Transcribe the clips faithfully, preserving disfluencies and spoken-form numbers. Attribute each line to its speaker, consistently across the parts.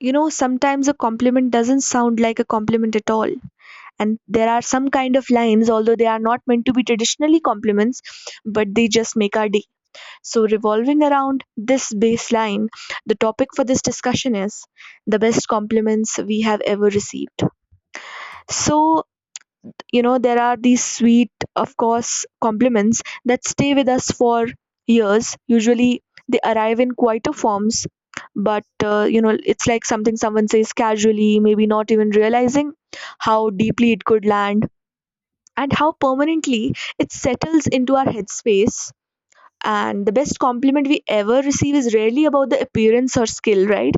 Speaker 1: You know, sometimes a compliment doesn't sound like a compliment at all. And there are some kind of lines, although they are not meant to be traditionally compliments, but they just make our day. So, revolving around this baseline, the topic for this discussion is the best compliments we have ever received. So, you know there are these sweet of course compliments that stay with us for years usually they arrive in quieter forms but uh, you know it's like something someone says casually maybe not even realizing how deeply it could land and how permanently it settles into our headspace. And the best compliment we ever receive is rarely about the appearance or skill, right?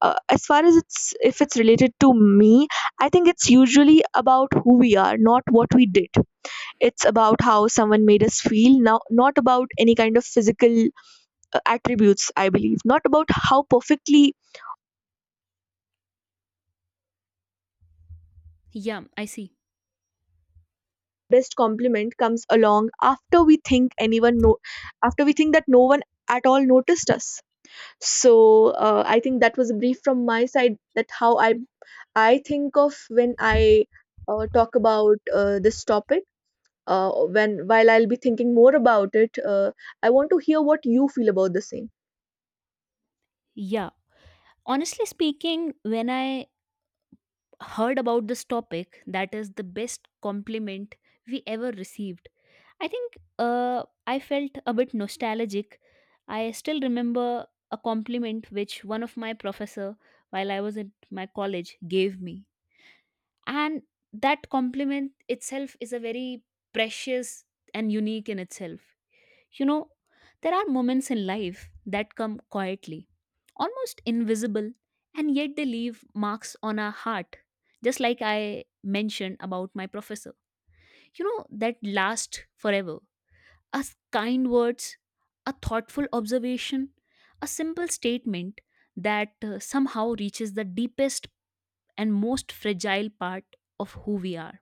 Speaker 1: uh, As far as it's if it's related to me, I think it's usually about who we are, not what we did. It's about how someone made us feel, now not about any kind of physical uh, attributes, I believe. Not about how perfectly
Speaker 2: Yeah, I see.
Speaker 1: best compliment comes along after we think anyone no, after we think that no one at all noticed us. So uh, I think that was a brief from my side, that how I I think of when I uh, talk about uh, this topic. Uh, when while I'll be thinking more about it, uh, I want to hear what you feel about the same.
Speaker 2: Yeah. Honestly speaking, when I heard about this topic, that is the best compliment we ever received. I think uh, I felt a bit nostalgic. I still remember a compliment which one of my professor while I was at my college gave me. And that compliment itself is a very precious and unique in itself. You know, there are moments in life that come quietly, almost invisible, and yet they leave marks on our heart, just like I mentioned about my professor. You know, that last forever. A s- kind words, a thoughtful observation, a simple statement that uh, somehow reaches the deepest and most fragile part of who we are.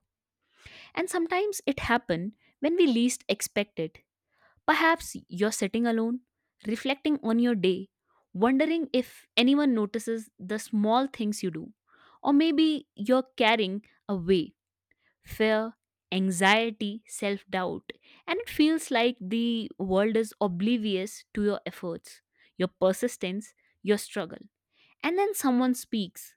Speaker 2: And sometimes it happens when we least expect it. Perhaps you're sitting alone, reflecting on your day, wondering if anyone notices the small things you do. Or maybe you're carrying away fear, anxiety, self doubt, and it feels like the world is oblivious to your efforts, your persistence, your struggle. And then someone speaks,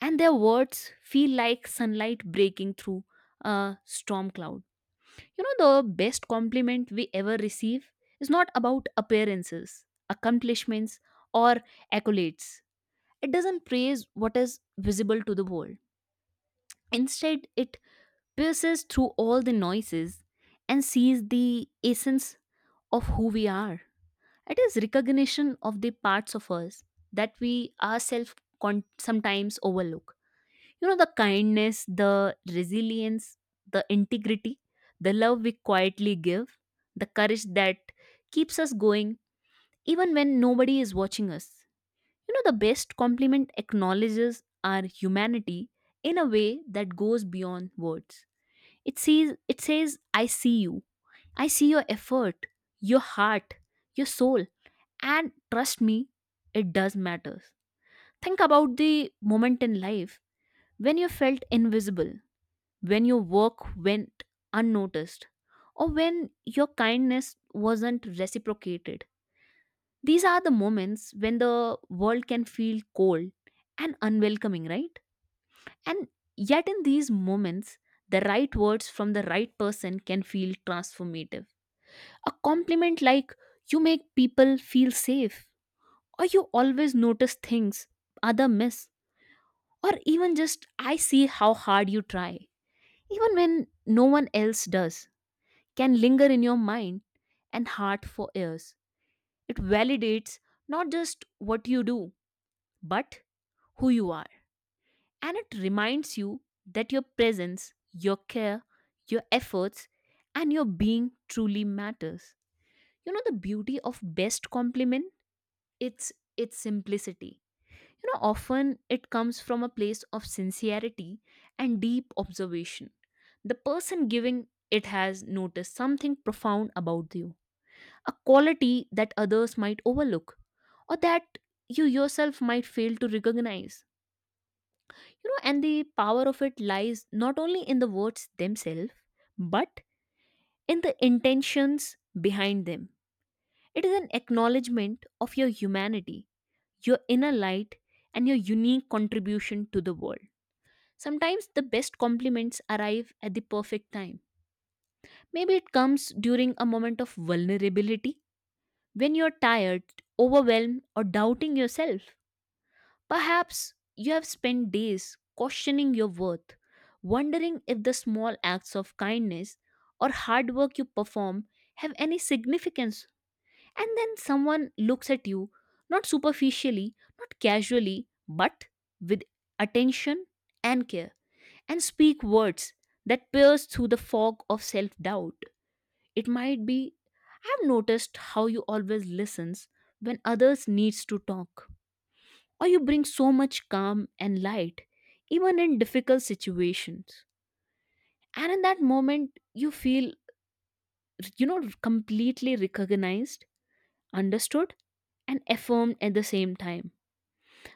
Speaker 2: and their words feel like sunlight breaking through a storm cloud you know, The best compliment we ever receive is not about appearances, accomplishments, or accolades. It doesn't praise what is visible to the world. Instead, it pierces through all the noises and sees the essence of who we are. It is recognition of the parts of us that we ourselves con- sometimes overlook. You know, the kindness, the resilience, the integrity, the love we quietly give, the courage that keeps us going even when nobody is watching us. You know, the best compliment acknowledges our humanity in a way that goes beyond words. It sees it says, I see you. I see your effort, your heart, your soul. And trust me, it does matter. Think about the moment in life when you felt invisible, when your work went unnoticed, or when your kindness wasn't reciprocated. These are the moments when the world can feel cold and unwelcoming, right? And yet, in these moments, the right words from the right person can feel transformative. A compliment like, you make people feel safe, or you always notice things other miss, or even just, I see how hard you try, even when no one else does can linger in your mind and heart for years. It validates not just what you do, but who you are. And it reminds you that your presence, your care, your efforts, and your being truly matters. You know the beauty of best compliment? It's its simplicity. You know, often it comes from a place of sincerity and deep observation. The person giving it has noticed something profound about you, a quality that others might overlook or that you yourself might fail to recognize. You know, and the power of it lies not only in the words themselves, but in the intentions behind them. It is an acknowledgement of your humanity, your inner light, and your unique contribution to the world. Sometimes the best compliments arrive at the perfect time. Maybe it comes during a moment of vulnerability when you're tired, overwhelmed, or doubting yourself. Perhaps you have spent days questioning your worth, wondering if the small acts of kindness or hard work you perform have any significance. And then someone looks at you, not superficially, not casually, but with attention and care, and speak words that pierce through the fog of self doubt. It might be, I've noticed how you always listens when others needs to talk, or you bring so much calm and light even in difficult situations, and in that moment you feel, you know completely recognized, understood, and affirmed at the same time.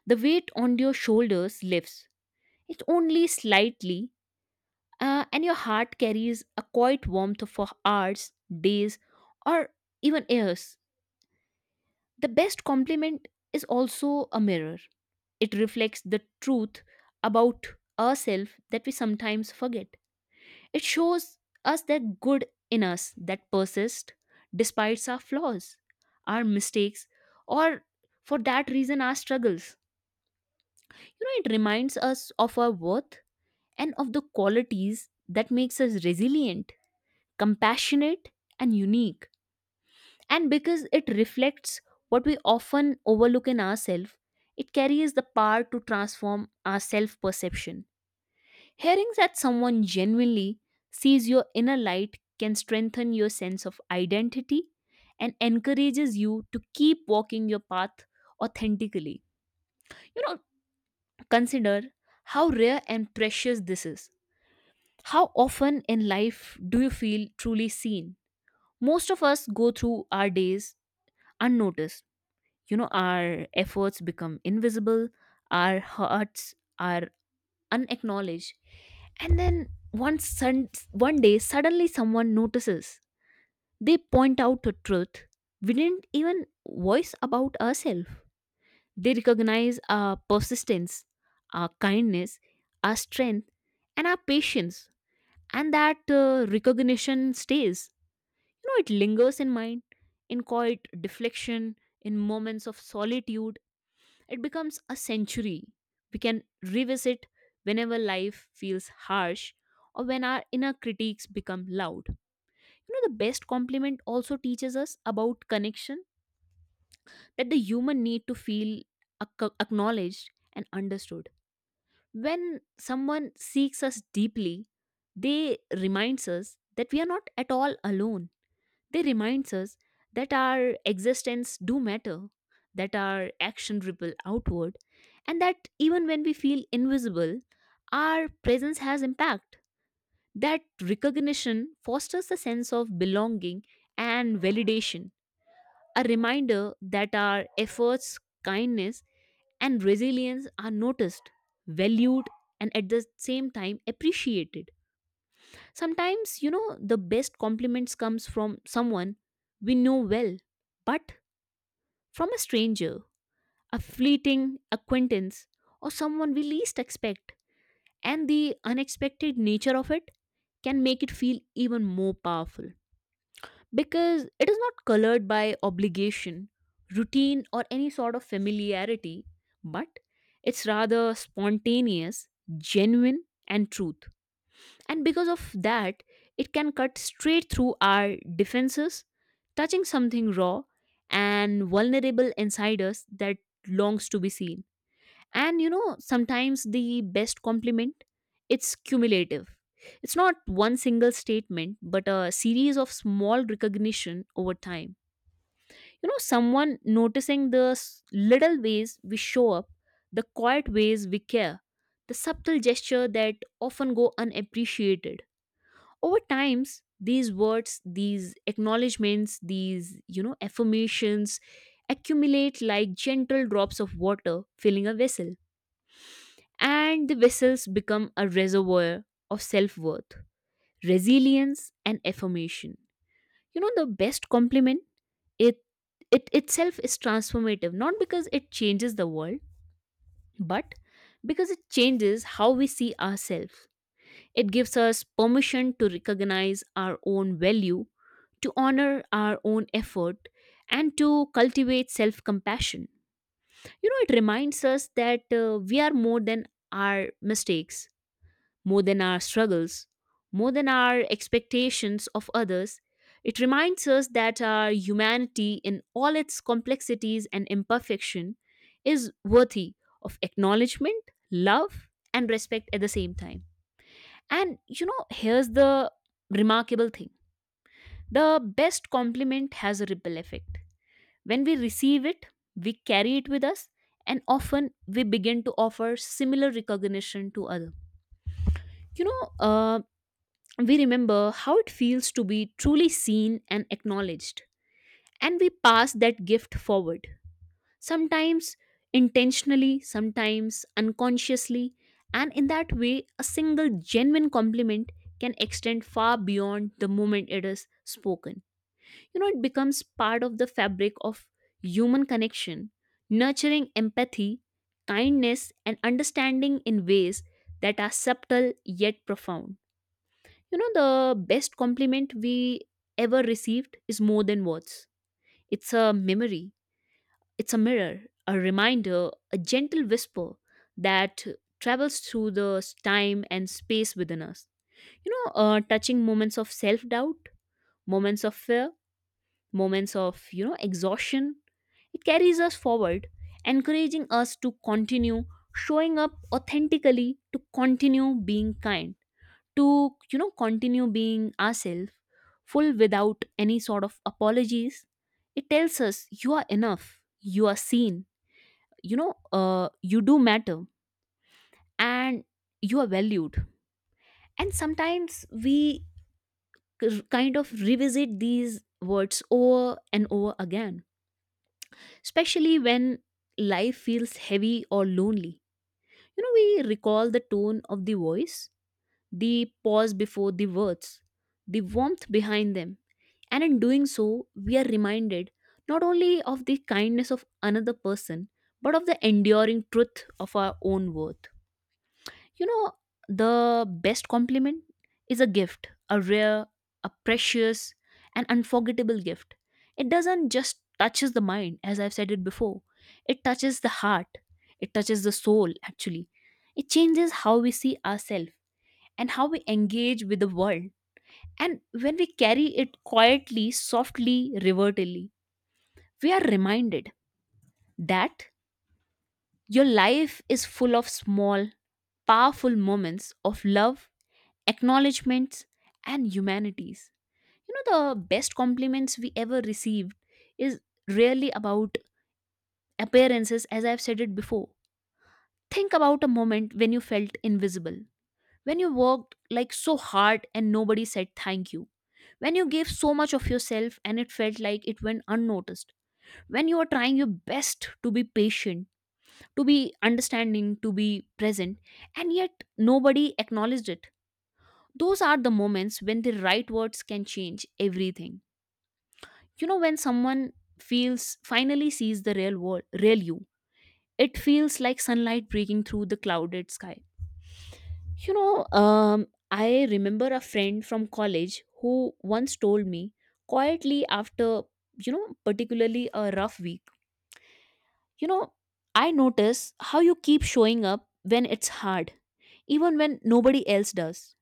Speaker 2: The weight on your shoulders lifts, it's only slightly, uh, and your heart carries a quiet warmth for hours, days, or even years. The best compliment is also a mirror. It reflects the truth about ourselves that we sometimes forget. It shows us that good in us that persists despite our flaws, our mistakes, or for that reason, our struggles. You know, it reminds us of our worth and of the qualities that makes us resilient, compassionate, and unique. And because it reflects what we often overlook in ourselves, it carries the power to transform our self perception. Hearing that someone genuinely sees your inner light can strengthen your sense of identity and encourages you to keep walking your path authentically. You know, Consider how rare and precious this is. How often in life do you feel truly seen? Most of us go through our days unnoticed. You know, our efforts become invisible, our hurts are unacknowledged, and then one sun- one day suddenly someone notices. They point out a truth we didn't even voice about ourselves. They recognize our persistence, our kindness, our strength, and our patience. And that uh, recognition stays. You know it lingers in mind, in quiet deflection, in moments of solitude. It becomes a sanctuary we can revisit whenever life feels harsh or when our inner critiques become loud. You know, the best compliment also teaches us about connection, that the human need to feel ac- acknowledged and understood. When someone seeks us deeply, they reminds us that we are not at all alone. They reminds us that our existence do matter, that our action ripple outward, and that even when we feel invisible, our presence has impact. That recognition fosters a sense of belonging and validation, a reminder that our efforts, kindness, and resilience are noticed, valued, and at the same time appreciated. Sometimes, you know, the best compliments comes from someone we know well, but from a stranger, a fleeting acquaintance, or someone we least expect. And the unexpected nature of it can make it feel even more powerful because it is not colored by obligation, routine, or any sort of familiarity, but it's rather spontaneous, genuine, and truth. And because of that, it can cut straight through our defenses, touching something raw and vulnerable inside us that longs to be seen. And you know, sometimes the best compliment, it's cumulative. It's not one single statement, but a series of small recognition over time. You know, someone noticing the s- little ways we show up, the quiet ways we care, the subtle gesture that often go unappreciated over times. These words, these acknowledgments, these you know affirmations accumulate like gentle drops of water filling a vessel, and the vessels become a reservoir of self-worth, resilience, and affirmation. You know the best compliment, it it itself is transformative, not because it changes the world, but because it changes how we see ourselves. It gives us permission to recognize our own value, to honor our own effort, and to cultivate self compassion. You know, it reminds us that uh, we are more than our mistakes, more than our struggles, more than our expectations of others. It reminds us that our humanity, in all its complexities and imperfection, is worthy of acknowledgement, love, and respect at the same time. And you know, here's the remarkable thing, the best compliment has a ripple effect. When we receive it, we carry it with us, and often we begin to offer similar recognition to others. You know, uh, we remember how it feels to be truly seen and acknowledged, and we pass that gift forward, sometimes intentionally, sometimes unconsciously. And in that way, a single genuine compliment can extend far beyond the moment it is spoken. You know, it becomes part of the fabric of human connection, nurturing empathy, kindness, and understanding in ways that are subtle yet profound. You know, the best compliment we ever received is more than words, it's a memory, it's a mirror, a reminder, a gentle whisper that travels through the time and space within us. You know, uh, touching moments of self doubt, moments of fear, moments of, you know, exhaustion. It carries us forward, encouraging us to continue showing up authentically, to continue being kind, to, you know, continue being ourselves, full without any sort of apologies. It tells us you are enough, you are seen, you know uh, you do matter, and you are valued. And sometimes we k- kind of revisit these words over and over again, especially when life feels heavy or lonely. you know we recall the tone of the voice, the pause before the words, the warmth behind them, and in doing so we are reminded not only of the kindness of another person, but of the enduring truth of our own worth. You know, the best compliment is a gift, a rare, a precious, an unforgettable gift. It doesn't just touches the mind, as I've said it before. It touches the heart. It touches the soul, actually. It changes how we see ourselves and how we engage with the world. And when we carry it quietly, softly, reverently, we are reminded that your life is full of small, powerful moments of love, acknowledgments, and humanities. you know the best compliments we ever received is really about appearances, as I've said it before. Think about a moment when you felt invisible, when you worked like so hard and nobody said thank you, when you gave so much of yourself and it felt like it went unnoticed, when you were trying your best to be patient, to be understanding, to be present, and yet nobody acknowledged it. Those are the moments when the right words can change everything. You know, when someone feels finally sees the real world, real you, it feels like sunlight breaking through the clouded sky. You know, um, I remember a friend from college who once told me quietly after, you know, particularly a rough week, you know, I notice how you keep showing up when it's hard, even when nobody else does.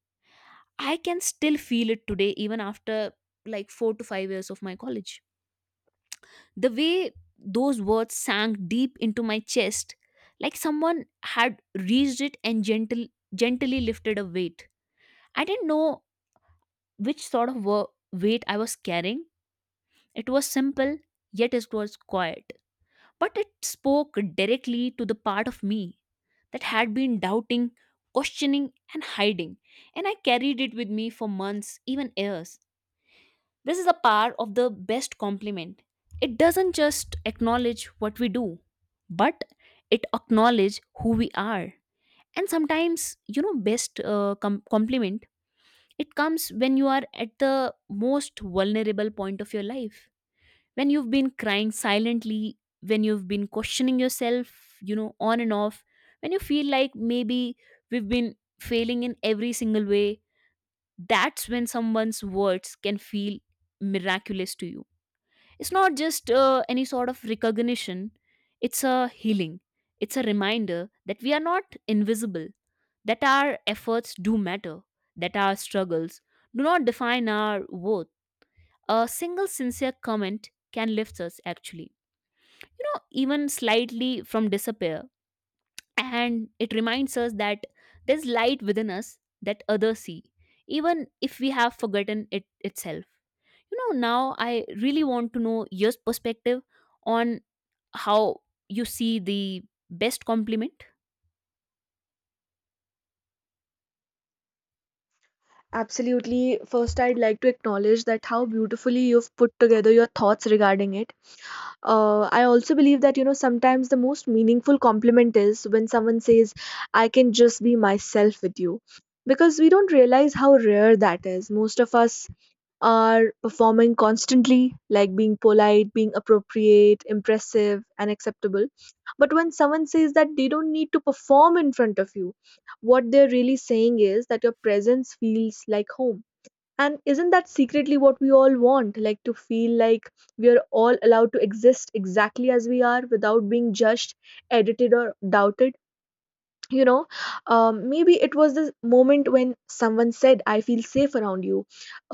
Speaker 2: I can still feel it today, even after like four to five years of my college. The way those words sank deep into my chest, like someone had reached it and gentle, gently lifted a weight. I didn't know which sort of wo- weight I was carrying. It was simple, yet it was quiet. But it spoke directly to the part of me that had been doubting, questioning, and hiding. And I carried it with me for months, even years. This is a part of the best compliment. It doesn't just acknowledge what we do, but it acknowledge who we are. And sometimes, you know, best uh, com- compliment, it comes when you are at the most vulnerable point of your life. When you've been crying silently, when you've been questioning yourself, you know, on and off, when you feel like maybe we've been failing in every single way, that's when someone's words can feel miraculous to you. It's not just uh, any sort of recognition, it's a healing. It's a reminder that we are not invisible, that our efforts do matter, that our struggles do not define our worth. A single sincere comment can lift us, actually, you know, even slightly from disappear. And it reminds us that there's light within us that others see, even if we have forgotten it itself. you know now I really want to know your perspective on how you see the best compliment.
Speaker 1: Absolutely. First, I'd like to acknowledge that how beautifully you've put together your thoughts regarding it. Uh, I also believe that, you know, sometimes the most meaningful compliment is when someone says, I can just be myself with you. Because we don't realize how rare that is. Most of us are performing constantly, like being polite, being appropriate, impressive, and acceptable. But when someone says that they don't need to perform in front of you, what they're really saying is that your presence feels like home. And isn't that secretly what we all want? Like to feel like we are all allowed to exist exactly as we are without being judged, edited, or doubted? You know, um, maybe it was the moment when someone said, I feel safe around you.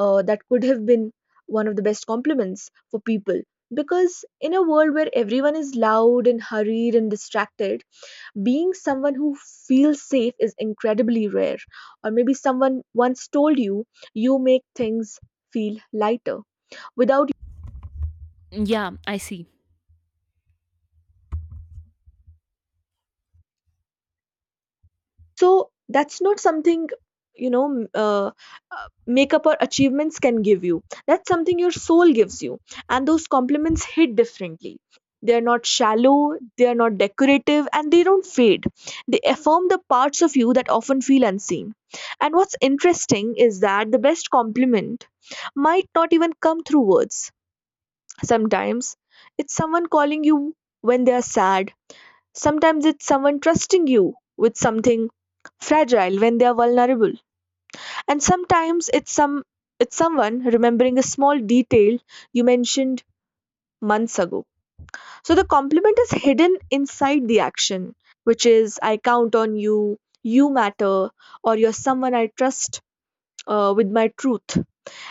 Speaker 1: uh, That could have been one of the best compliments for people, because in a world where everyone is loud and hurried and distracted, being someone who feels safe is incredibly rare. Or maybe someone once told you, you make things feel lighter without.
Speaker 2: Yeah, I see.
Speaker 1: So that's not something, you know m- uh, uh, makeup or achievements can give you. That's something your soul gives you, and those compliments hit differently. They are not shallow, they are not decorative, and they don't fade. They affirm the parts of you that often feel unseen. And what's interesting is that the best compliment might not even come through words. Sometimes it's someone calling you when they are sad. Sometimes it's someone trusting you with something fragile when they are vulnerable. And sometimes it's some it's someone remembering a small detail you mentioned months ago. So the compliment is hidden inside the action, which is I count on you, you matter, or you're someone I trust uh, with my truth.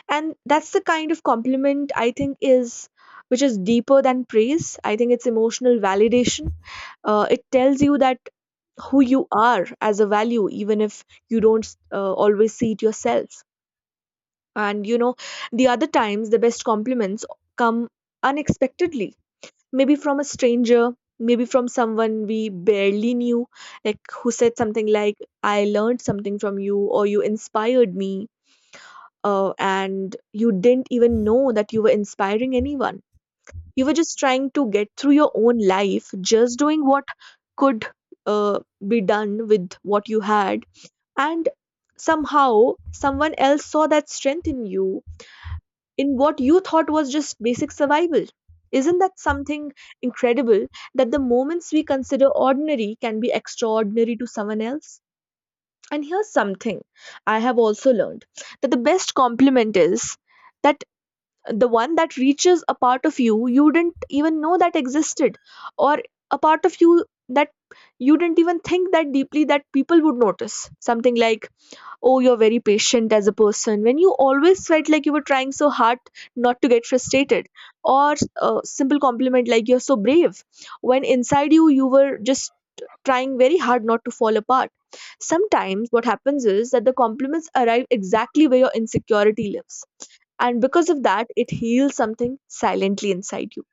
Speaker 1: And that's the kind of compliment I think is, which is deeper than praise. I think it's emotional validation. Uh, it tells you that who you are as a value, even if you don't uh, always see it yourself. And you know, the other times the best compliments come unexpectedly, maybe from a stranger, maybe from someone we barely knew, like who said something like, I learned something from you, or you inspired me. Uh, and you didn't even know that you were inspiring anyone. You were just trying to get through your own life, just doing what could uh, be done with what you had, and somehow someone else saw that strength in you, in what you thought was just basic survival. Isn't that something incredible, that the moments we consider ordinary can be extraordinary to someone else? And here's something I have also learned, that the best compliment is that the one that reaches a part of you you didn't even know that existed, or a part of you that you didn't even think that deeply that people would notice, something like, oh, you're very patient as a person, when you always felt like you were trying so hard not to get frustrated. Or a simple compliment like, you're so brave, when inside you you were just trying very hard not to fall apart. Sometimes what happens is that the compliments arrive exactly where your insecurity lives, and because of that, it heals something silently inside you.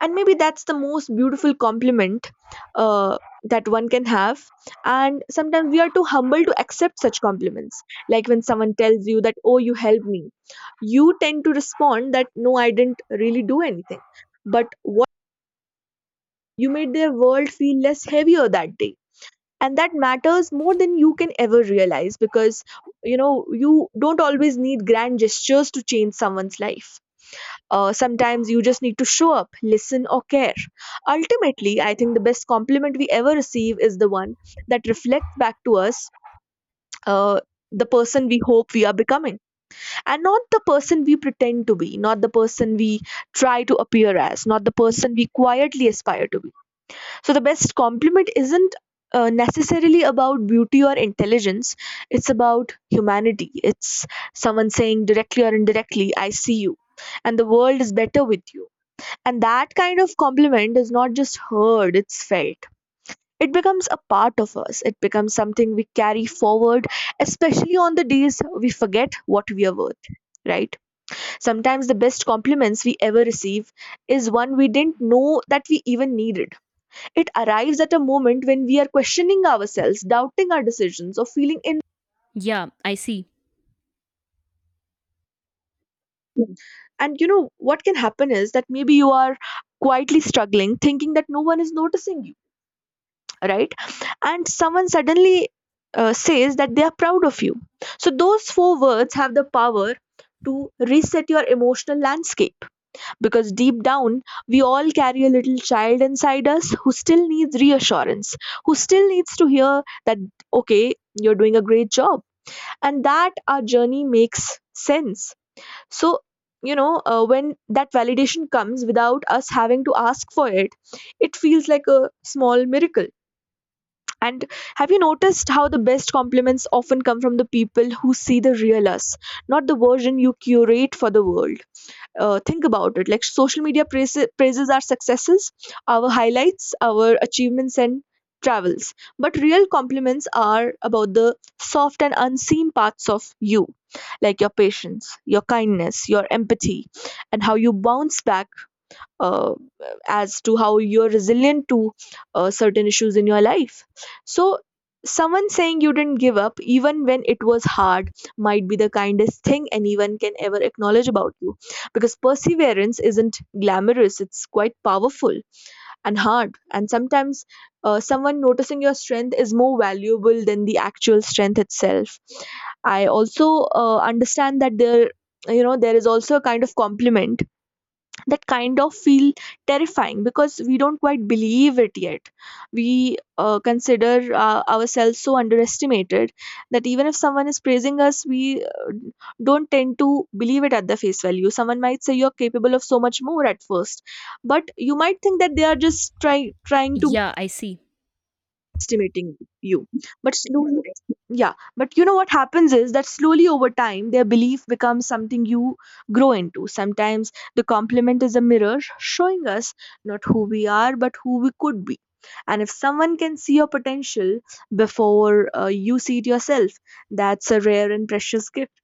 Speaker 1: And maybe that's the most beautiful compliment uh, that one can have. And sometimes we are too humble to accept such compliments. Like when someone tells you that, oh, you helped me, you tend to respond that, no, I didn't really do anything. But what, you made their world feel less heavier that day. And that matters more than you can ever realize, because you know you don't always need grand gestures to change someone's life. Uh, sometimes you just need to show up, listen, or care. Ultimately, I think the best compliment we ever receive is the one that reflects back to us uh, the person we hope we are becoming, and not the person we pretend to be, not the person we try to appear as, not the person we quietly aspire to be. So, the best compliment isn't uh, necessarily about beauty or intelligence, it's about humanity. It's someone saying directly or indirectly, I see you, and the world is better with you. And that kind of compliment is not just heard, it's felt. It becomes a part of us, it becomes something we carry forward, especially on the days we forget what we are worth, right? Sometimes the best compliments we ever receive is one we didn't know that we even needed. It arrives at a moment when we are questioning ourselves, doubting our decisions, or feeling in.
Speaker 2: Yeah, I see.
Speaker 1: And you know what can happen is that maybe you are quietly struggling thinking that no one is noticing you, right? And someone suddenly uh, says that they are proud of you. So those four words have the power to reset your emotional landscape, because deep down we all carry a little child inside us who still needs reassurance, who still needs to hear that, okay, you're doing a great job, and that our journey makes sense. So, you know, uh, when that validation comes without us having to ask for it, it feels like a small miracle. And have you noticed how the best compliments often come from the people who see the real us, not the version you curate for the world? Uh, think about it. Like social media praises, praises our successes, our highlights, our achievements, and travels. But real compliments are about the soft and unseen parts of you, like your patience, your kindness, your empathy, and how you bounce back, uh, as to how you're resilient to uh, certain issues in your life. So, someone saying you didn't give up even when it was hard might be the kindest thing anyone can ever acknowledge about you, because perseverance isn't glamorous, it's quite powerful and hard. And sometimes uh, someone noticing your strength is more valuable than the actual strength itself. I also uh, understand that there you know there is also a kind of compliment that kind of feel terrifying, because we don't quite believe it yet. We uh, consider uh, ourselves so underestimated that even if someone is praising us, we don't tend to believe it at the face value. Someone might say, you're capable of so much more at first, but you might think that they are just try- trying to
Speaker 2: Yeah, I see.
Speaker 1: estimating you. But slowly, yeah, but you know what happens is that slowly over time their belief becomes something you grow into. Sometimes the compliment is a mirror showing us not who we are but who we could be. And if someone can see your potential before uh, you see it yourself, that's a rare and precious gift.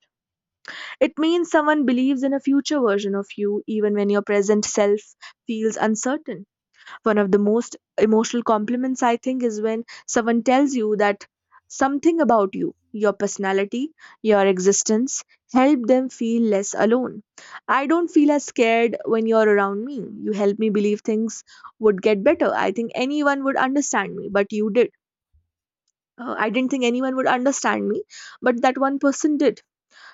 Speaker 1: It means someone believes in a future version of you even when your present self feels uncertain. One of the most emotional compliments, I think, is when someone tells you that something about you, your personality, your existence, help them feel less alone. I don't feel as scared when you're around me. You help me believe things would get better. I think anyone would understand me, but you did. Uh, I didn't think anyone would understand me, but that one person did.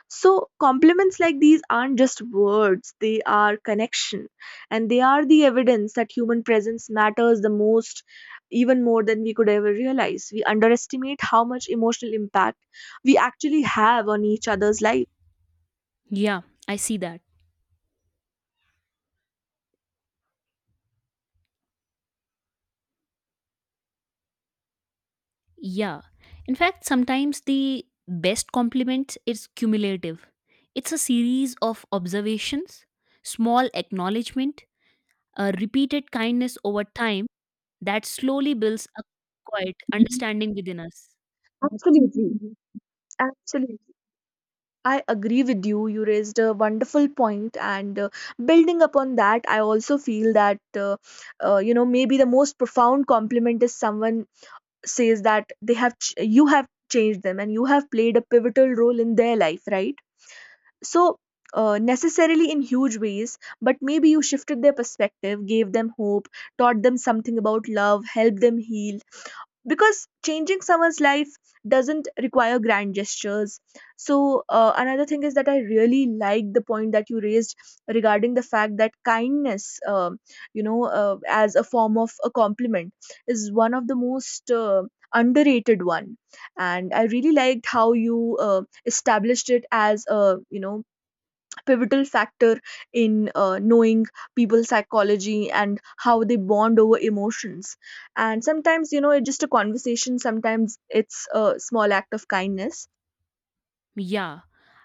Speaker 1: So, compliments like these aren't just words, they are connection. And they are the evidence that human presence matters the most, even more than we could ever realize. We underestimate how much emotional impact we actually have on each other's life.
Speaker 2: Yeah, I see that. Yeah, in fact, sometimes the best compliment is cumulative. It's a series of observations, small acknowledgement, a repeated kindness over time that slowly builds a quiet
Speaker 1: Mhm.
Speaker 2: understanding within us.
Speaker 1: Absolutely. Absolutely. I agree with you. You raised a wonderful point, and uh, building upon that, I also feel that uh, uh, you know maybe the most profound compliment is someone says that they have ch- you have changed them and you have played a pivotal role in their life, right? So uh, necessarily in huge ways, but maybe you shifted their perspective, gave them hope, taught them something about love, helped them heal, because changing someone's life doesn't require grand gestures. So uh, another thing is that I really like the point that you raised regarding the fact that kindness, um you know uh, as a form of a compliment, is one of the most uh, underrated one. And I really liked how you uh, established it as, a you know pivotal factor in uh, knowing people's psychology and how they bond over emotions. And sometimes, you know it's just a conversation, sometimes it's a small act of kindness.
Speaker 2: Yeah,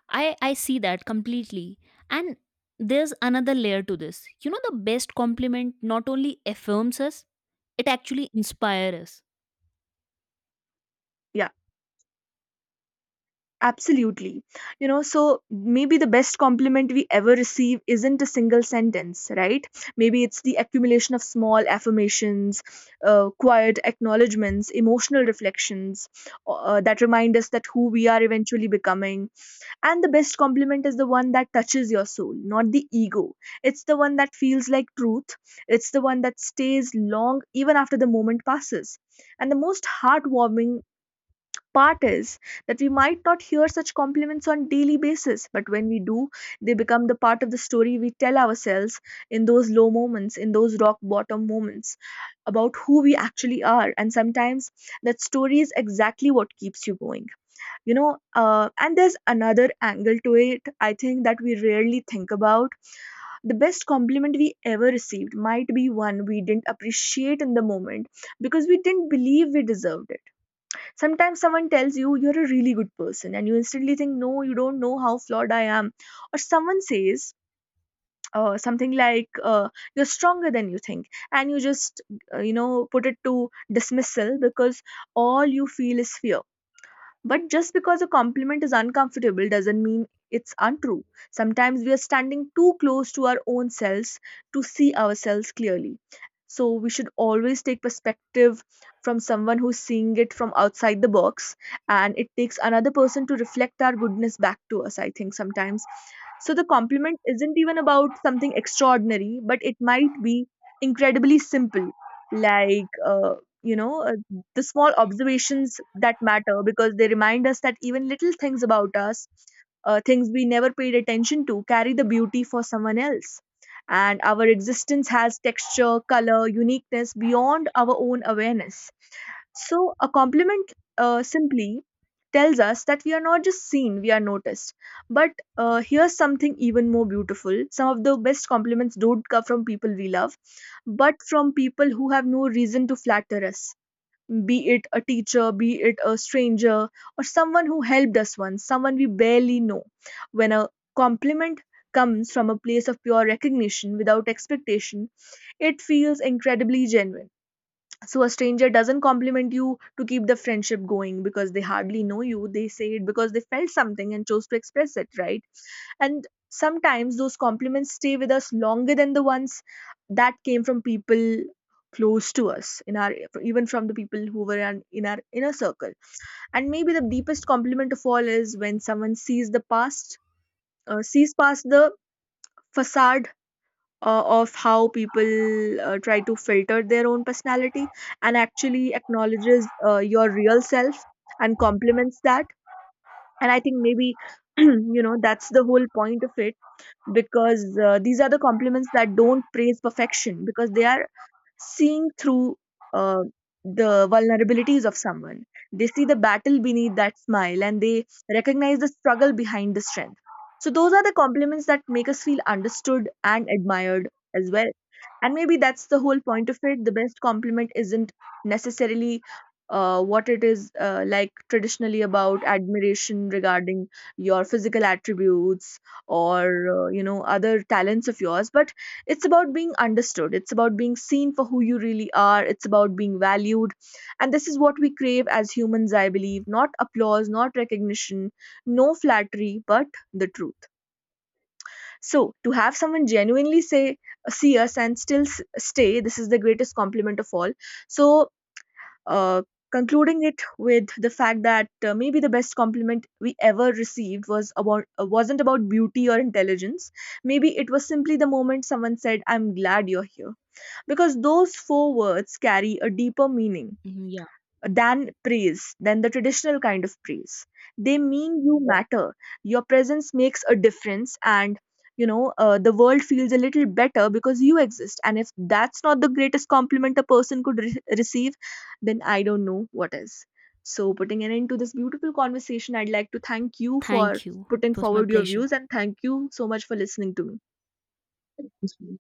Speaker 2: I, I see that completely. And there's another layer to this. You know, the best compliment not only affirms us, it actually inspires us.
Speaker 1: Yeah, absolutely. You know, so maybe the best compliment we ever receive isn't a single sentence, right? Maybe it's the accumulation of small affirmations, uh, quiet acknowledgments, emotional reflections, uh, that remind us that who we are eventually becoming. And the best compliment is the one that touches your soul, not the ego. It's the one that feels like truth. It's the one that stays long even after the moment passes. And the most heartwarming part is that we might not hear such compliments on daily basis, but when we do, they become the part of the story we tell ourselves in those low moments, in those rock bottom moments, about who we actually are. And sometimes that story is exactly what keeps you going. You know uh, and there's another angle to it, I think, that we rarely think about. The best compliment we ever received might be one we didn't appreciate in the moment because we didn't believe we deserved it. Sometimes someone tells you you're a really good person and you instantly think, no, you don't know how flawed I am. Or someone says uh, something like, uh, you're stronger than you think, and you just uh, you know put it to dismissal because all you feel is fear. But just because a compliment is uncomfortable doesn't mean it's untrue. Sometimes we are standing too close to our own selves to see ourselves clearly. So we should always take perspective from someone who's seeing it from outside the box, and it takes another person to reflect our goodness back to us, I think, sometimes. So the compliment isn't even about something extraordinary, but it might be incredibly simple, like, uh, you know, uh, the small observations that matter because they remind us that even little things about us, uh, things we never paid attention to, carry the beauty for someone else. And our existence has texture, color, uniqueness beyond our own awareness. So, a compliment uh, simply tells us that we are not just seen, we are noticed. But uh, here's something even more beautiful. Some of the best compliments don't come from people we love, but from people who have no reason to flatter us, be it a teacher, be it a stranger, or someone who helped us once, someone we barely know. When a compliment comes from a place of pure recognition without expectation, it feels incredibly genuine. So a stranger doesn't compliment you to keep the friendship going because they hardly know you. They say it because they felt something and chose to express it, right? And sometimes those compliments stay with us longer than the ones that came from people close to us, in our, even from the people who were in in our inner circle. And maybe the deepest compliment of all is when someone sees the past, uh, sees past the facade uh, of how people uh, try to filter their own personality, and actually acknowledges uh, your real self and compliments that. And I think maybe you know that's the whole point of it. Because uh, these are the compliments that don't praise perfection because they are seeing through uh, the vulnerabilities of someone. They see the battle beneath that smile and they recognize the struggle behind the strength. So, those are the compliments that make us feel understood and admired as well. And maybe that's the whole point of it. The best compliment isn't necessarily uh, what it is, uh, like traditionally about admiration regarding your physical attributes, or uh, you know other talents of yours, but it's about being understood. It's about being seen for who you really are. It's about being valued. And this is what we crave as humans, I believe. Not applause, not recognition, no flattery, but the truth. So, to have someone genuinely say, see us and still s- stay, this is the greatest compliment of all. So, uh, concluding it with the fact that uh, maybe the best compliment we ever received was about, uh, wasn't about beauty or intelligence, maybe it was simply the moment someone said, I'm glad you're here, because those four words carry a deeper meaning
Speaker 2: Mhm. Yeah.
Speaker 1: uh, than praise, than the traditional kind of praise. They mean you matter, your presence makes a difference, and you know, uh, the world feels a little better because you exist. And if that's not the greatest compliment a person could re- receive, then I don't know what is. So, putting an end to this beautiful conversation, I'd like to thank you for
Speaker 2: Thank you.
Speaker 1: putting
Speaker 2: It was my
Speaker 1: forward your
Speaker 2: pleasure.
Speaker 1: views, and thank you so much for listening to me. Thank you.